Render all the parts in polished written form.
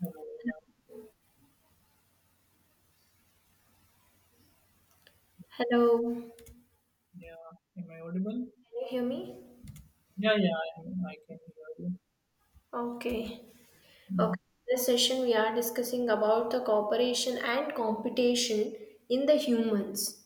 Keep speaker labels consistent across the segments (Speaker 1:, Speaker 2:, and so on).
Speaker 1: Hello, everyone.
Speaker 2: Hello, can
Speaker 1: Yeah, am I audible?
Speaker 2: you hear me?
Speaker 1: Yeah, yeah, I am. I can hear you.
Speaker 2: Okay.
Speaker 1: Mm.
Speaker 2: Okay, this session we are discussing about the cooperation and competition in the humans.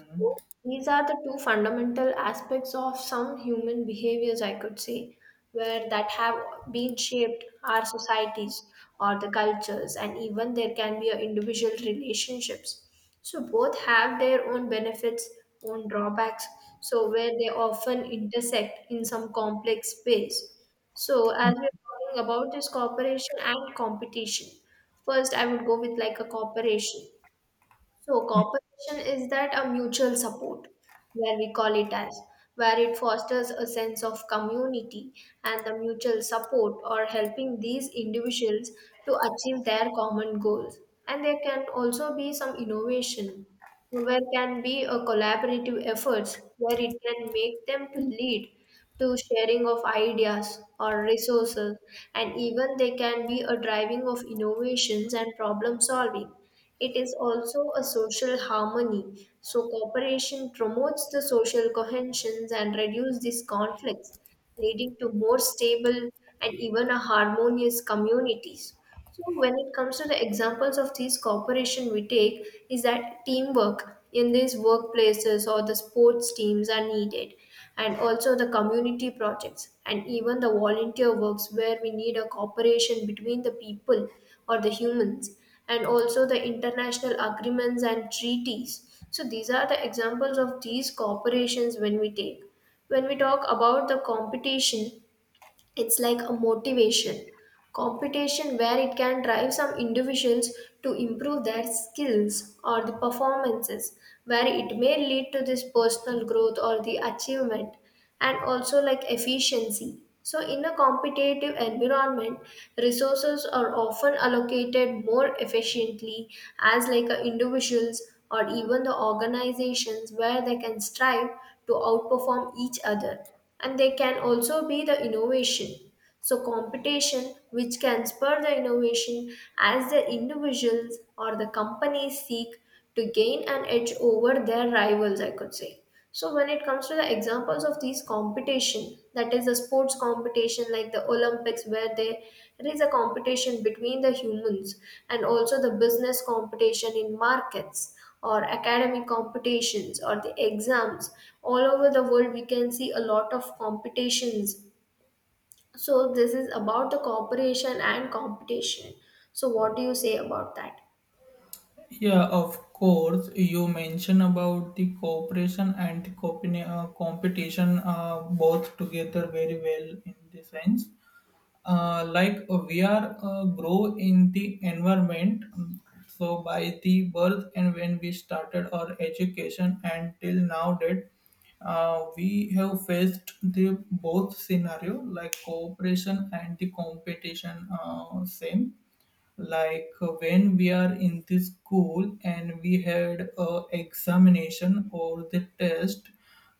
Speaker 2: So these are the two fundamental aspects of some human behaviors, I could say, where that have been shaped our societies or the cultures, and even there can be a individual relationships. So both have their own benefits, own drawbacks. So where they often intersect in some complex space. So,
Speaker 1: Mm.
Speaker 2: as we're talking about is cooperation and competition. First, I would go with like a cooperation. So, cooperation is that a mutual support, where we call it as, where it fosters a sense of community and the mutual support or helping these individuals to achieve their common goals. And there can also be some innovation where can be a collaborative efforts where it can make them to lead to sharing of ideas or resources and even they can be a driving of innovations and problem solving. It is also a social harmony, so cooperation promotes the social cohesions and reduce these conflicts, leading to more stable and even a harmonious communities. So when it comes to the examples of these cooperation we take is that teamwork in these workplaces or the sports teams are needed, and also the community projects and even the volunteer works where we need a cooperation between the people or the humans, and also the international agreements and treaties. So these are the examples of these corporations when we take. When we talk about the competition, it's like a motivation competition where it can drive some individuals to improve their skills or the performances where it may lead to this personal growth or the achievement, and also like efficiency. So in a competitive environment resources are often allocated more efficiently as like a individuals or even the organizations where they can strive to outperform each other, and they can also be the innovation. So competition, which can spur the innovation as the individuals or the companies seek to gain an edge over their rivals, I could say. So, when it comes to the examples of these competition, that is the sports competition like the Olympics, where they, there is a competition between the humans, and also the business competition in markets or academic competitions or the exams. All over the world we can see a lot of competitions, so this is about the cooperation and competition. So what do you say about that?
Speaker 1: Yeah, of course. You mentioned about the cooperation and the competition, both together very well in the sense. Like we are grow in the environment. So by the birth, and when we started our education and till now that we have faced the both scenario like cooperation and the competition same like when we are in the school and we had a examination or the test.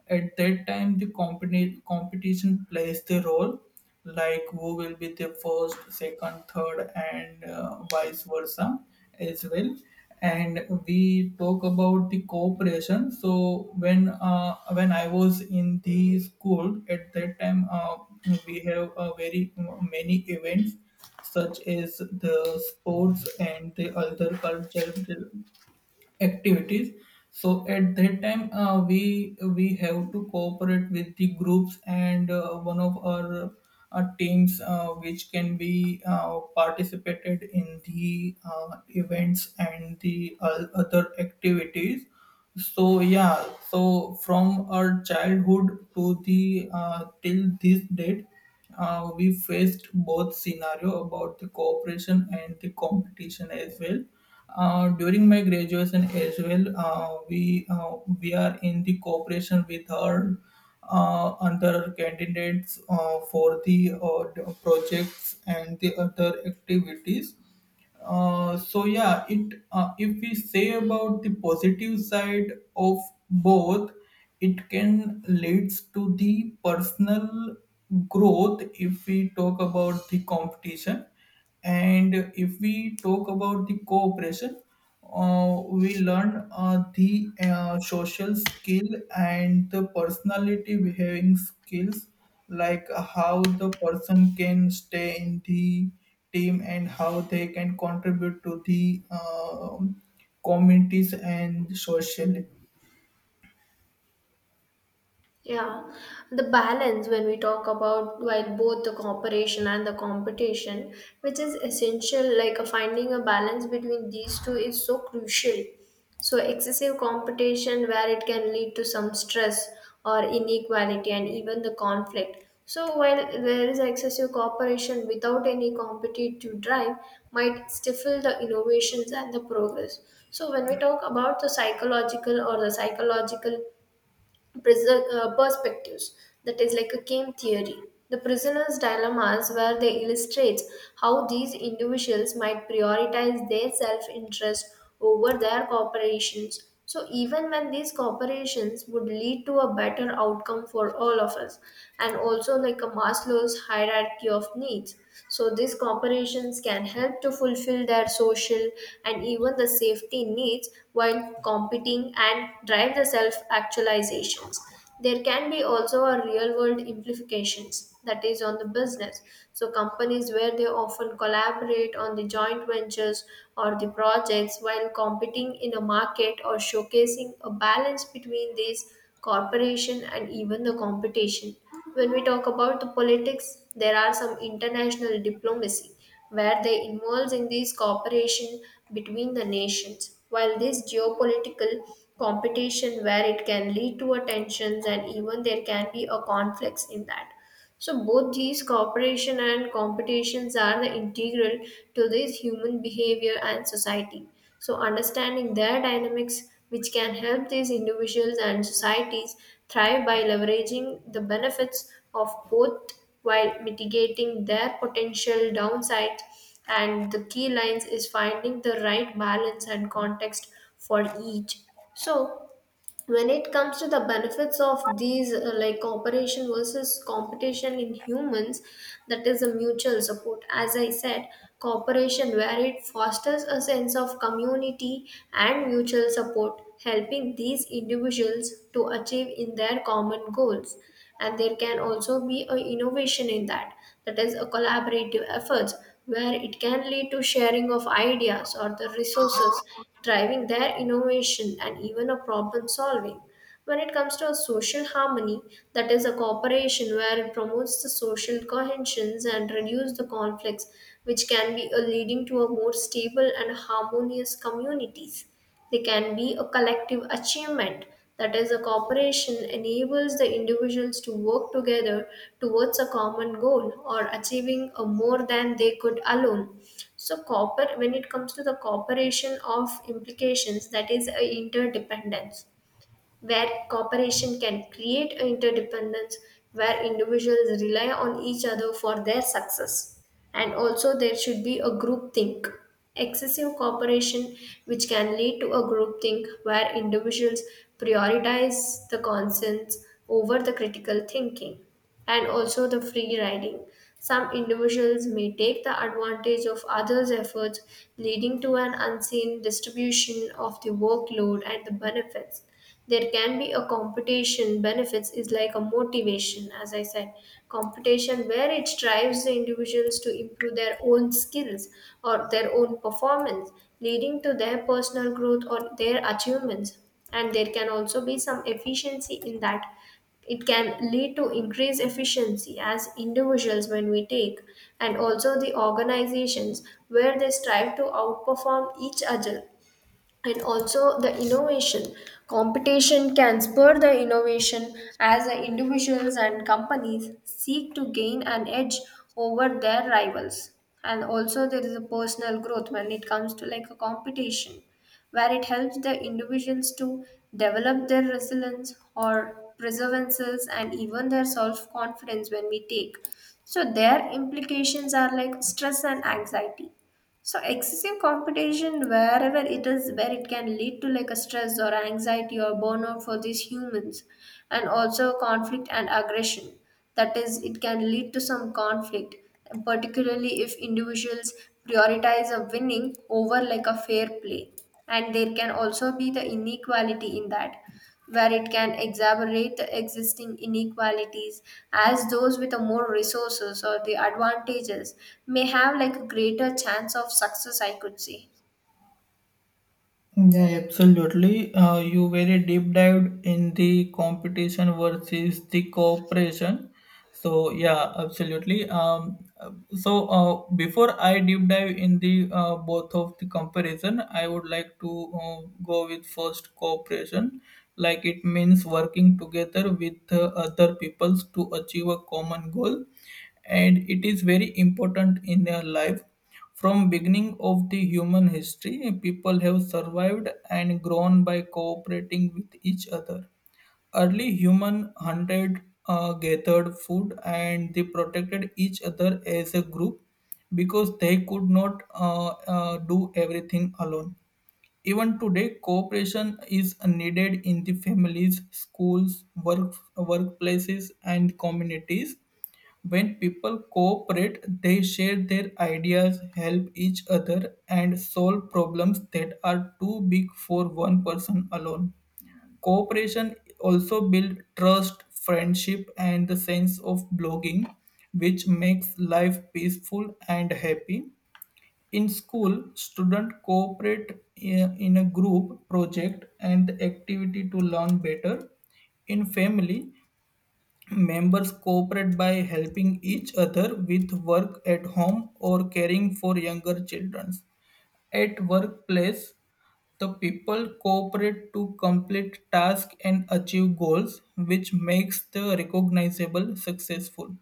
Speaker 1: At that time the competition plays the role, like who will be the first, second, third, and vice versa as well. And we talk about the cooperation. So when I was in the school, at that time, we have a very many events such as the sports and the other cultural activities. So at that time, we have to cooperate with the groups, and one of our teams which can be participated in the events and the other activities. So yeah, so from our childhood to the till this date, we faced both scenario about the cooperation and the competition as well. During my graduation as well, we are in the cooperation with our other candidates for the the projects and the other activities. So yeah, it if we say about the positive side of both, it can leads to the personal growth if we talk about the competition, and if we talk about the cooperation, we learn the social skill and the personality behaving skills, like how the person can stay in the team and how they can contribute to the communities and socially.
Speaker 2: Yeah, the balance when we talk about while both the cooperation and the competition, which is essential, like finding a balance between these two is so crucial. So, excessive competition where it can lead to some stress or inequality and even the conflict. So, while there is excessive cooperation without any competitive drive, might stifle the innovations and the progress. So, when we talk about the psychological or the psychological perspectives, that is like a game theory, the prisoner's dilemmas where they illustrate how these individuals might prioritize their self-interest over their corporations, so even when these corporations would lead to a better outcome for all of us. And also like a Maslow's hierarchy of needs, so these corporations can help to fulfill their social and even the safety needs while competing and drive the self-actualizations. There can be also a real world implications, that is on the business. So companies where they often collaborate on the joint ventures or the projects while competing in a market, or showcasing a balance between these corporation and even the competition. When we talk about the politics, there are some international diplomacy where they involves in this cooperation between the nations. While this geopolitical competition where it can lead to a tensions and even there can be a conflicts in that. So both these cooperation and competitions are the integral to this human behavior and society. So understanding their dynamics which can help these individuals and societies thrive by leveraging the benefits of both while mitigating their potential downsides, and the key lines is finding the right balance and context for each. So when it comes to the benefits of these like cooperation versus competition in humans, that is a mutual support, as I said. Cooperation where it fosters a sense of community and mutual support, helping these individuals to achieve in their common goals. And there can also be a innovation in that, that is a collaborative efforts where it can lead to sharing of ideas or the resources, driving their innovation and even a problem solving. When it comes to a social harmony, that is a cooperation where it promotes the social cohesions and reduce the conflicts, which can be a leading to a more stable and harmonious communities. They can be a collective achievement, that is, a cooperation enables the individuals to work together towards a common goal or achieving a more than they could alone. So, cooper, when it comes to the cooperation of implications, that is, a interdependence where cooperation can create interdependence, where individuals rely on each other for their success. And also, there should be a group think. Excessive cooperation, which can lead to a group think where individuals prioritize the conscience over the critical thinking, and also the free riding. Some individuals may take the advantage of others' efforts, leading to an unseen distribution of the workload and the benefits. There can be a competition benefits, is like a motivation, as I said. Competition where it drives the individuals to improve their own skills or their own performance, leading to their personal growth or their achievements. And there can also be some efficiency in that. It can lead to increased efficiency as individuals when we take, and also the organizations where they strive to outperform each other. And also the innovation: competition can spur the innovation as the individuals and companies seek to gain an edge over their rivals. And also there is a personal growth when it comes to like a competition, where it helps the individuals to develop their resilience or perseverances and even their self confidence when we take. So their implications are like stress and anxiety. So excessive competition wherever it is, where it can lead to like a stress or anxiety or burnout for these humans, and also conflict and aggression. That is, it can lead to some conflict, particularly if individuals prioritize a winning over like a fair play. And there can also be the inequality in that, where it can exacerbate the existing inequalities, as those with a more resources or the advantages may have like a greater chance of success, I could say.
Speaker 1: Yeah, absolutely. You very deep dived in the competition versus the cooperation. So yeah, absolutely. Before I deep dive in the both of the comparison, I would like to go with first cooperation. Like it means working together with other peoples to achieve a common goal, and it is very important in their life. From beginning of the human history, people have survived and grown by cooperating with each other. Early human hunted, gathered food, and they protected each other as a group because they could not do everything alone. Even today cooperation is needed in the families, schools, workplaces and communities. When people cooperate, they share their ideas, help each other, and solve problems that are too big for one person alone. Cooperation also builds trust, friendship, and the sense of belonging, which makes life peaceful and happy. In school, students cooperate in a group project and activity to learn better. In family, members cooperate by helping each other with work at home or caring for younger children. At workplace, the people cooperate to complete tasks and achieve goals, which makes the recognizable successful.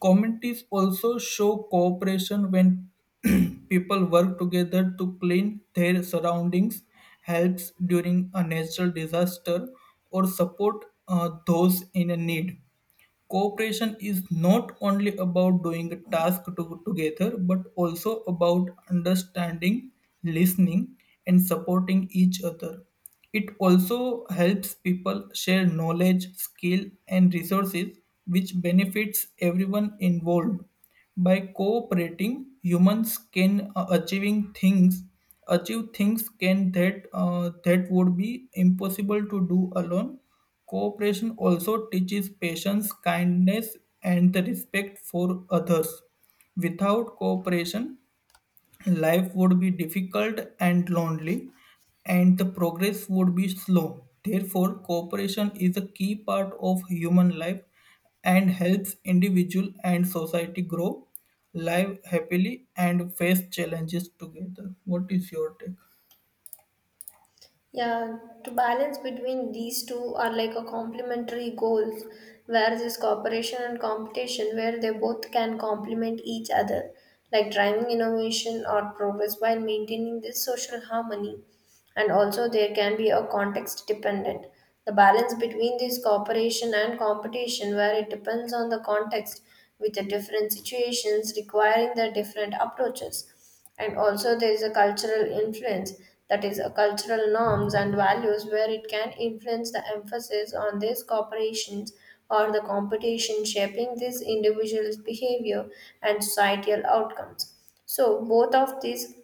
Speaker 1: Communities also show cooperation when people work together to clean their surroundings, helps during a natural disaster, or support those in need. Cooperation is not only about doing a task together, but also about understanding, listening, and supporting each other. It also helps people share knowledge, skill, and resources, which benefits everyone involved. By cooperating, humans can achieving things achieve things can that that would be impossible to do alone. Cooperation also teaches patience, kindness, and the respect for others. Without cooperation, life would be difficult and lonely, and the progress would be slow. Therefore, cooperation is a key part of human life and helps individual and society grow, live happily, and face challenges together. What is your take?
Speaker 2: Yeah, to balance between these two are like a complementary goals, where this cooperation and competition, where they both can complement each other, like driving innovation or progress while maintaining this social harmony. And also, there can be a context dependent. The balance between this cooperation and competition, where it depends on the context, with the different situations requiring the different approaches. And also there is a cultural influence, that is a cultural norms and values where it can influence the emphasis on these corporations or the competition, shaping these individuals behavior and societal outcomes. So both of these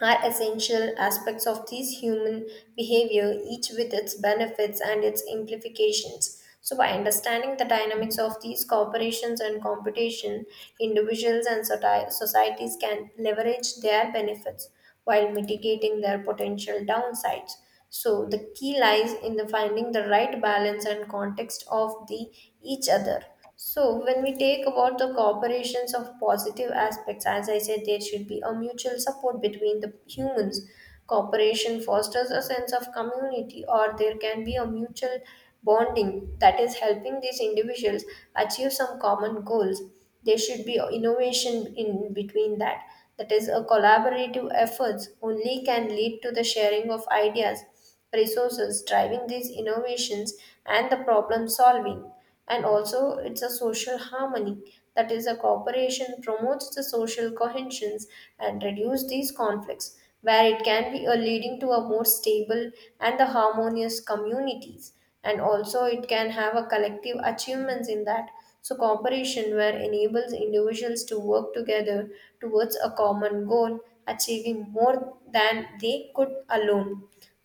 Speaker 2: are essential aspects of these human behavior, each with its benefits and its implications. So, by understanding the dynamics of these corporations and competition, individuals and societies can leverage their benefits while mitigating their potential downsides. So the key lies in the finding the right balance and context of the each other. So when we take about the cooperations of positive aspects, as I said, there should be a mutual support between the humans. Cooperation fosters a sense of community, or there can be a mutual bonding, that is helping these individuals achieve some common goals. There should be innovation in between that, that is a collaborative efforts only can lead to the sharing of ideas, resources, driving these innovations and the problem solving. And also it's a social harmony, that is a cooperation promotes the social cohesions and reduce these conflicts, where it can be a leading to a more stable and the harmonious communities. And also it can have a collective achievements in that. So cooperation where enables individuals to work together towards a common goal, achieving more than they could alone.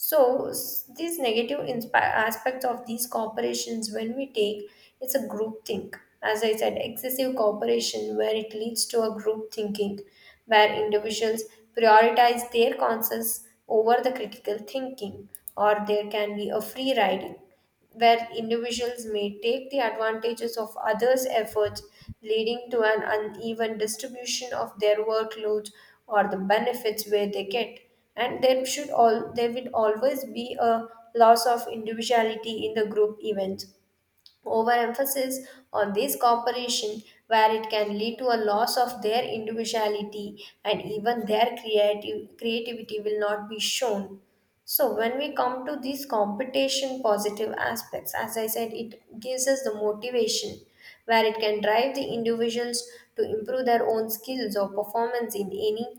Speaker 2: So these negative aspects of these corporations, when we take, it's a group think. As I said, excessive cooperation where it leads to a group thinking, where individuals prioritize their concerns over the critical thinking, or there can be a free riding where individuals may take the advantages of others' efforts, leading to an uneven distribution of their workloads or the benefits where they get. And there should all there will always be a loss of individuality in the group event. Overemphasis on this cooperation, where it can lead to a loss of their individuality and even their creativity, will not be shown. So when we come to these competition positive aspects, as I said, it gives us the motivation where it can drive the individuals to improve their own skills or performance in any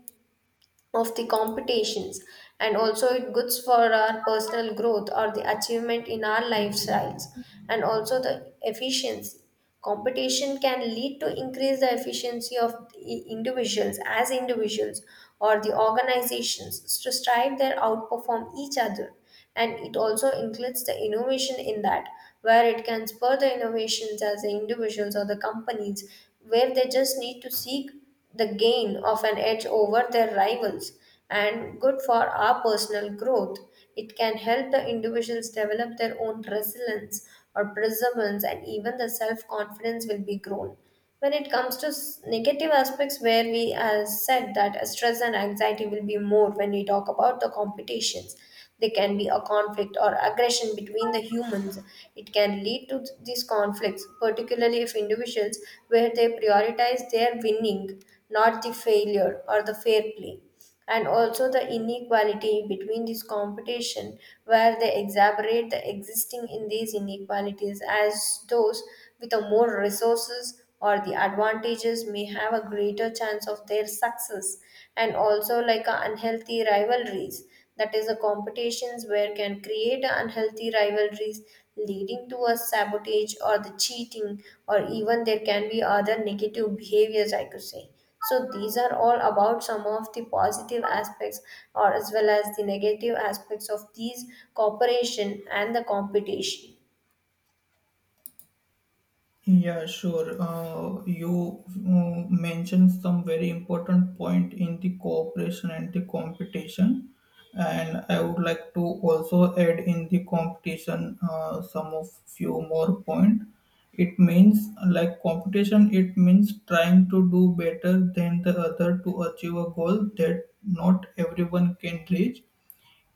Speaker 2: of the competitions, and also it goods for our personal growth or the achievement in our lifestyles, and also the efficiency. Competition can lead to increase the efficiency of the individuals as individuals or the organizations to strive their outperform each other, and it also includes the innovation in that, where it can spur the innovations as the individuals or the companies where they just need to seek the gain of an edge over their rivals and good for our personal growth. It can help the individuals develop their own resilience or perseverance, and even the self confidence will be grown. When it comes to negative aspects, where we have said that stress and anxiety will be more when we talk about the competitions, there can be a conflict or aggression between the humans. It can lead to these conflicts, particularly if individuals where they prioritize their winning, not the failure or the fair play. And also the inequality between this competition, where they exacerbate the existing in these inequalities as those with a more resources or the advantages may have a greater chance of their success, and also like unhealthy rivalries, that is the competitions where can create unhealthy rivalries leading to a sabotage or the cheating, or even there can be other negative behaviors, I could say. So these are all about some of the positive aspects or as well as the negative aspects of these cooperation and the competition.
Speaker 1: Yeah, sure. You mentioned some very important point in the cooperation and the competition, and I would like to also add in the competition some of few more point. It means like competition. It means trying to do better than the other to achieve a goal that not everyone can reach.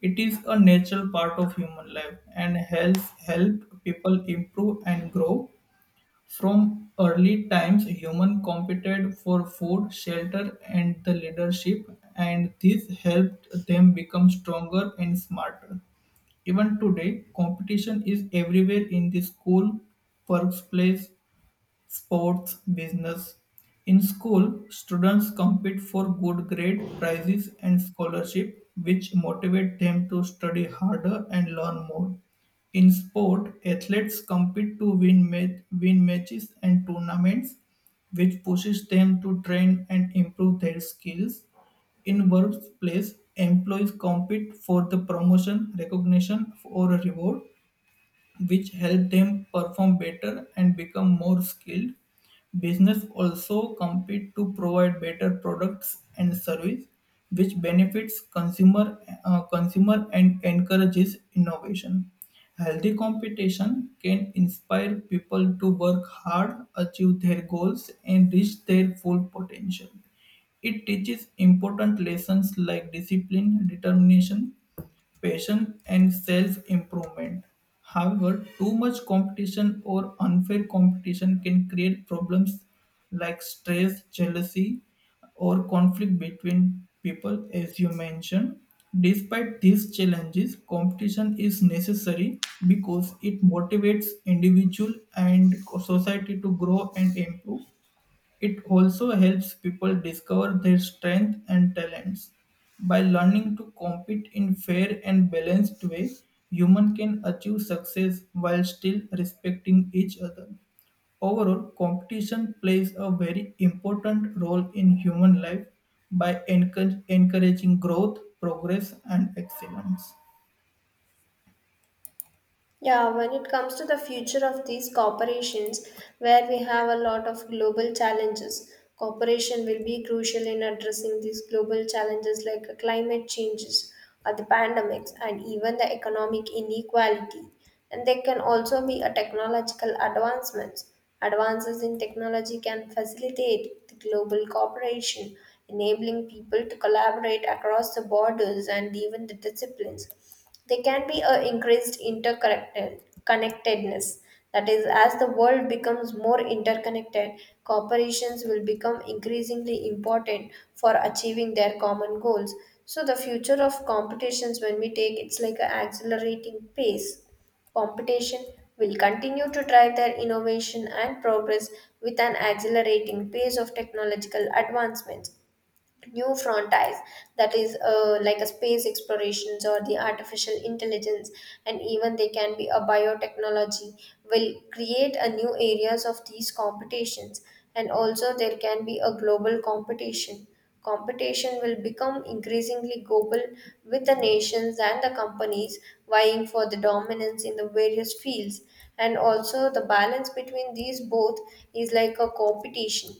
Speaker 1: It is a natural part of human life and help people improve and grow. From early times, humans competed for food, shelter, and the leadership, and this helped them become stronger and smarter. Even today, competition is everywhere in the school, workplace, sports, business. In school, students compete for good grade, prizes, and scholarship, which motivate them to study harder and learn more. In sport, athletes compete to win, win matches and tournaments, which pushes them to train and improve their skills. In workplace, employees compete for the promotion, recognition, or a reward, which help them perform better and become more skilled. Business also compete to provide better products and service, which benefits consumer and encourages innovation. Healthy competition can inspire people to work hard, achieve their goals, and reach their full potential. It teaches important lessons like discipline, determination, passion, and self improvement. However, too much competition or unfair competition can create problems like stress, jealousy, or conflict between people, as you mentioned. Despite these challenges, competition is necessary because it motivates individual and society to grow and improve. It also helps people discover their strengths and talents. By learning to compete in fair and balanced way, human can achieve success while still respecting each other. Overall, competition plays a very important role in human life by encouraging growth, progress, and excellence.
Speaker 2: Yeah, when it comes to the future of these corporations, where we have a lot of global challenges, cooperation will be crucial in addressing these global challenges like climate changes or the pandemics and even the economic inequality. And there can also be a technological advancements. Advances in technology can facilitate the global cooperation, enabling people to collaborate across the borders and even the disciplines. There can be a increased interconnected connectedness. That is, as the world becomes more interconnected, corporations will become increasingly important for achieving their common goals. So the future of competitions, when we take, it's like an accelerating pace. Competition will continue to drive their innovation and progress with an accelerating pace of technological advancements, new frontiers, that is like a space explorations or the artificial intelligence, and even they can be a biotechnology, will create a new areas of these competitions. And also there can be a global competition will become increasingly global, with the nations and the companies vying for the dominance in the various fields. And also the balance between these both is like a competition,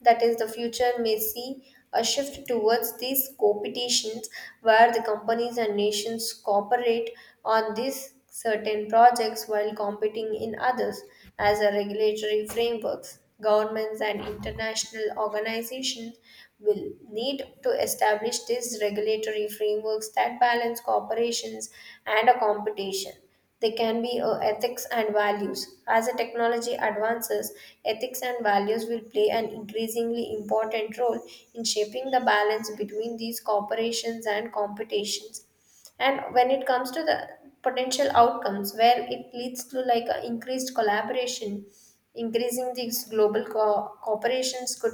Speaker 2: that is the future may see a shift towards these competitions where the companies and nations cooperate on these certain projects while competing in others. As a regulatory frameworks, governments and international organizations will need to establish these regulatory frameworks that balance corporations and a competition. They can be ethics and values. As the technology advances, ethics and values will play an increasingly important role in shaping the balance between these corporations and competitions. And when it comes to the potential outcomes, where it leads to like a increased collaboration, increasing these global corporations could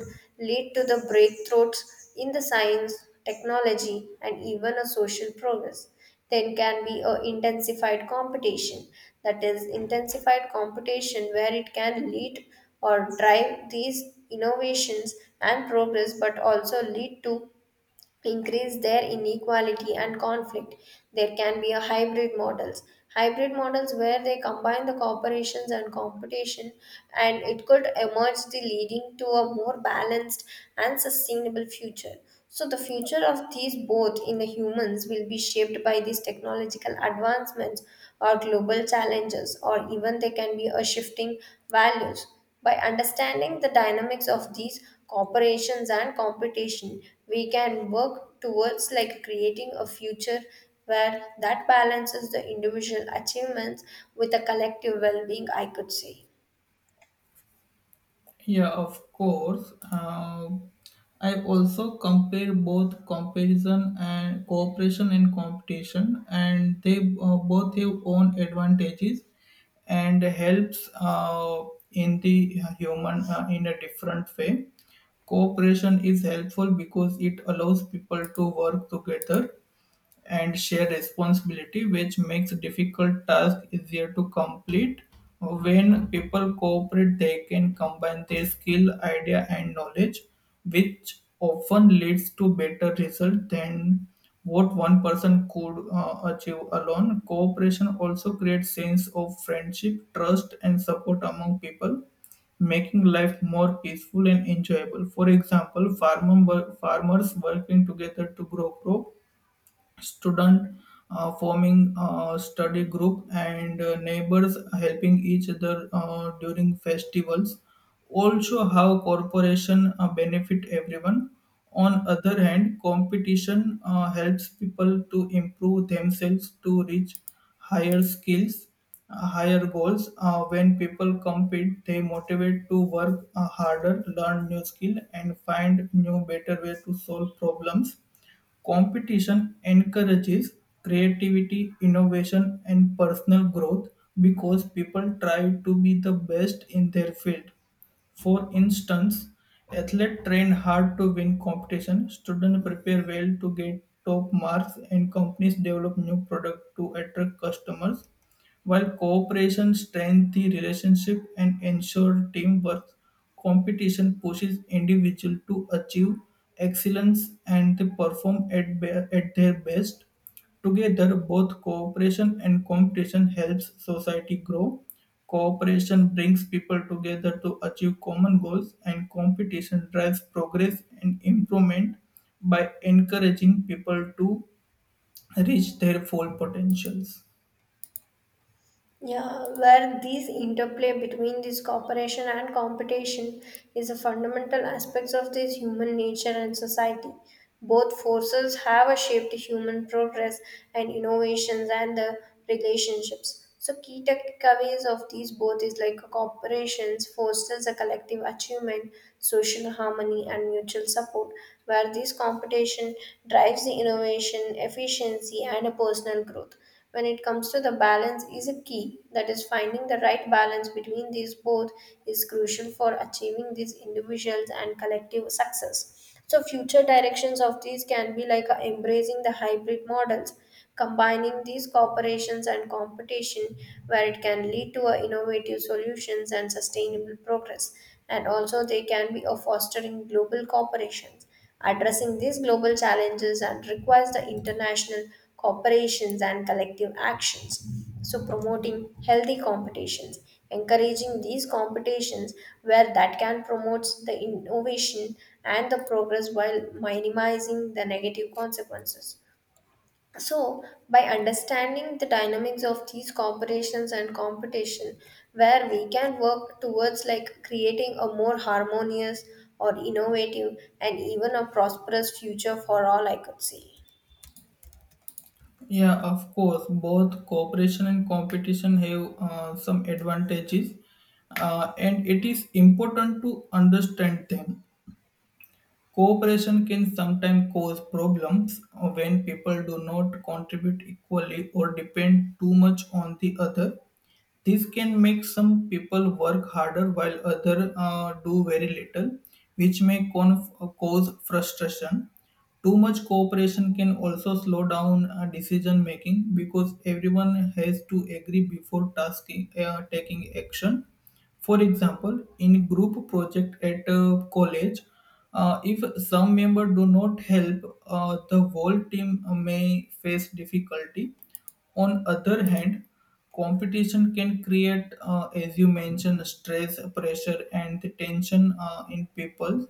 Speaker 2: lead to the breakthroughs in the science, technology, and even a social progress. Then can be a intensified competition, that is intensified competition where it can lead or drive these innovations and progress, but also lead to increase their inequality and conflict. There can be a hybrid models. Hybrid models where they combine the corporations and competition, and it could emerge, the leading to a more balanced and sustainable future. So the future of these both in the humans will be shaped by these technological advancements or global challenges, or even they can be a shifting values. By understanding the dynamics of these corporations and competition, we can work towards like creating a future where that balances the individual achievements with a collective well-being, I could say.
Speaker 1: Yeah, of course. I also compare both comparison and cooperation and competition, and they both have own advantages and helps in the human in a different way. Cooperation is helpful because it allows people to work together and shared responsibility, which makes difficult tasks easier to complete. When people cooperate, they can combine their skill, idea, and knowledge, which often leads to better results than what one person could achieve alone. Cooperation also creates sense of friendship, trust, and support among people, making life more peaceful and enjoyable. For example, farmers working together to grow crop, student forming a study group, and neighbors helping each other during festivals also how corporation benefit everyone. On other hand, competition helps people to improve themselves to reach higher skills, higher goals. When people compete, they motivate to work harder, learn new skill, and find new better way to solve problems. Competition encourages creativity, innovation, and personal growth because people try to be the best in their field. For instance, athletes train hard to win competition, students prepare well to get top marks, and companies develop new products to attract customers. While cooperation strengthens the relationship and ensures teamwork, competition pushes individuals to achieve excellence and to perform at their best. Together, both cooperation and competition helps society grow. Cooperation brings people together to achieve common goals, and competition drives progress and improvement by encouraging people to reach their full potentials.
Speaker 2: Yeah, where these interplay between this cooperation and competition is a fundamental aspects of this human nature and society. Both forces have a shaped human progress and innovations and the relationships. So key takeaways of these both is like corporations fosters a collective achievement, social harmony and mutual support, where this competition drives the innovation, efficiency and a personal growth. When it comes to the balance is a key, that is finding the right balance between these both is crucial for achieving these individuals and collective success. So future directions of these can be like embracing the hybrid models, combining these cooperations and competition, where it can lead to innovative solutions and sustainable progress. And also they can be a fostering global cooperations. Addressing these global challenges and requires the international cooperations and collective actions. So promoting healthy competitions, encouraging these competitions where that can promote the innovation and the progress while minimizing the negative consequences. So, by understanding the dynamics of these corporations and competition, where we can work towards like creating a more harmonious or innovative and even a prosperous future for all, I could say.
Speaker 1: Yeah, of course. Both cooperation and competition have some advantages, and it is important to understand them. Cooperation can sometimes cause problems when people do not contribute equally or depend too much on the other. This can make some people work harder while others do very little, which may cause frustration. Too much cooperation can also slow down decision making because everyone has to agree before taking action. For example, in group project at college, if some member do not help, the whole team may face difficulty. On other hand, competition can create, as you mentioned, stress, pressure, and the tension in people.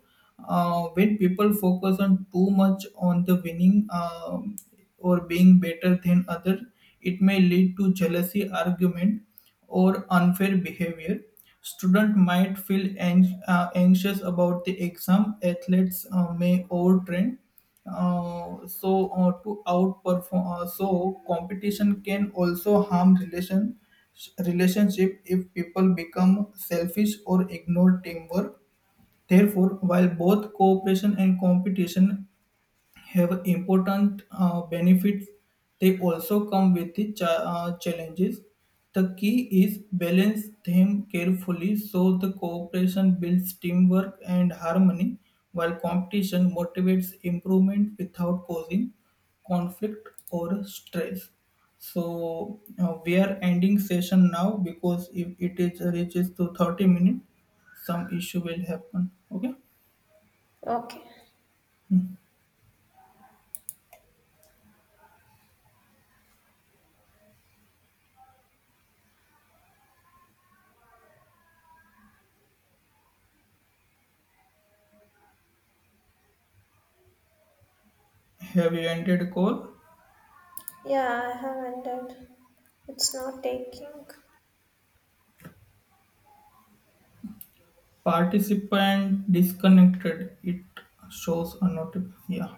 Speaker 1: When people focus on too much on the winning, or being better than others, it may lead to jealousy, argument, or unfair behavior. Student might feel anxious about the exam. Athletes may overtrain to outperform, so competition can also harm relationship if people become selfish or ignore teamwork. Therefore, while both cooperation and competition have important benefits, they also come with the challenges. The key is balance them carefully so the cooperation builds teamwork and harmony, while competition motivates improvement without causing conflict or stress. So we are ending session now because if it is reaches to 30 minutes, some issue will happen. Okay.
Speaker 2: Okay.
Speaker 1: Have you ended call?
Speaker 2: Yeah, I have ended. It's not taking.
Speaker 1: Participant disconnected, it shows a notification. Yeah.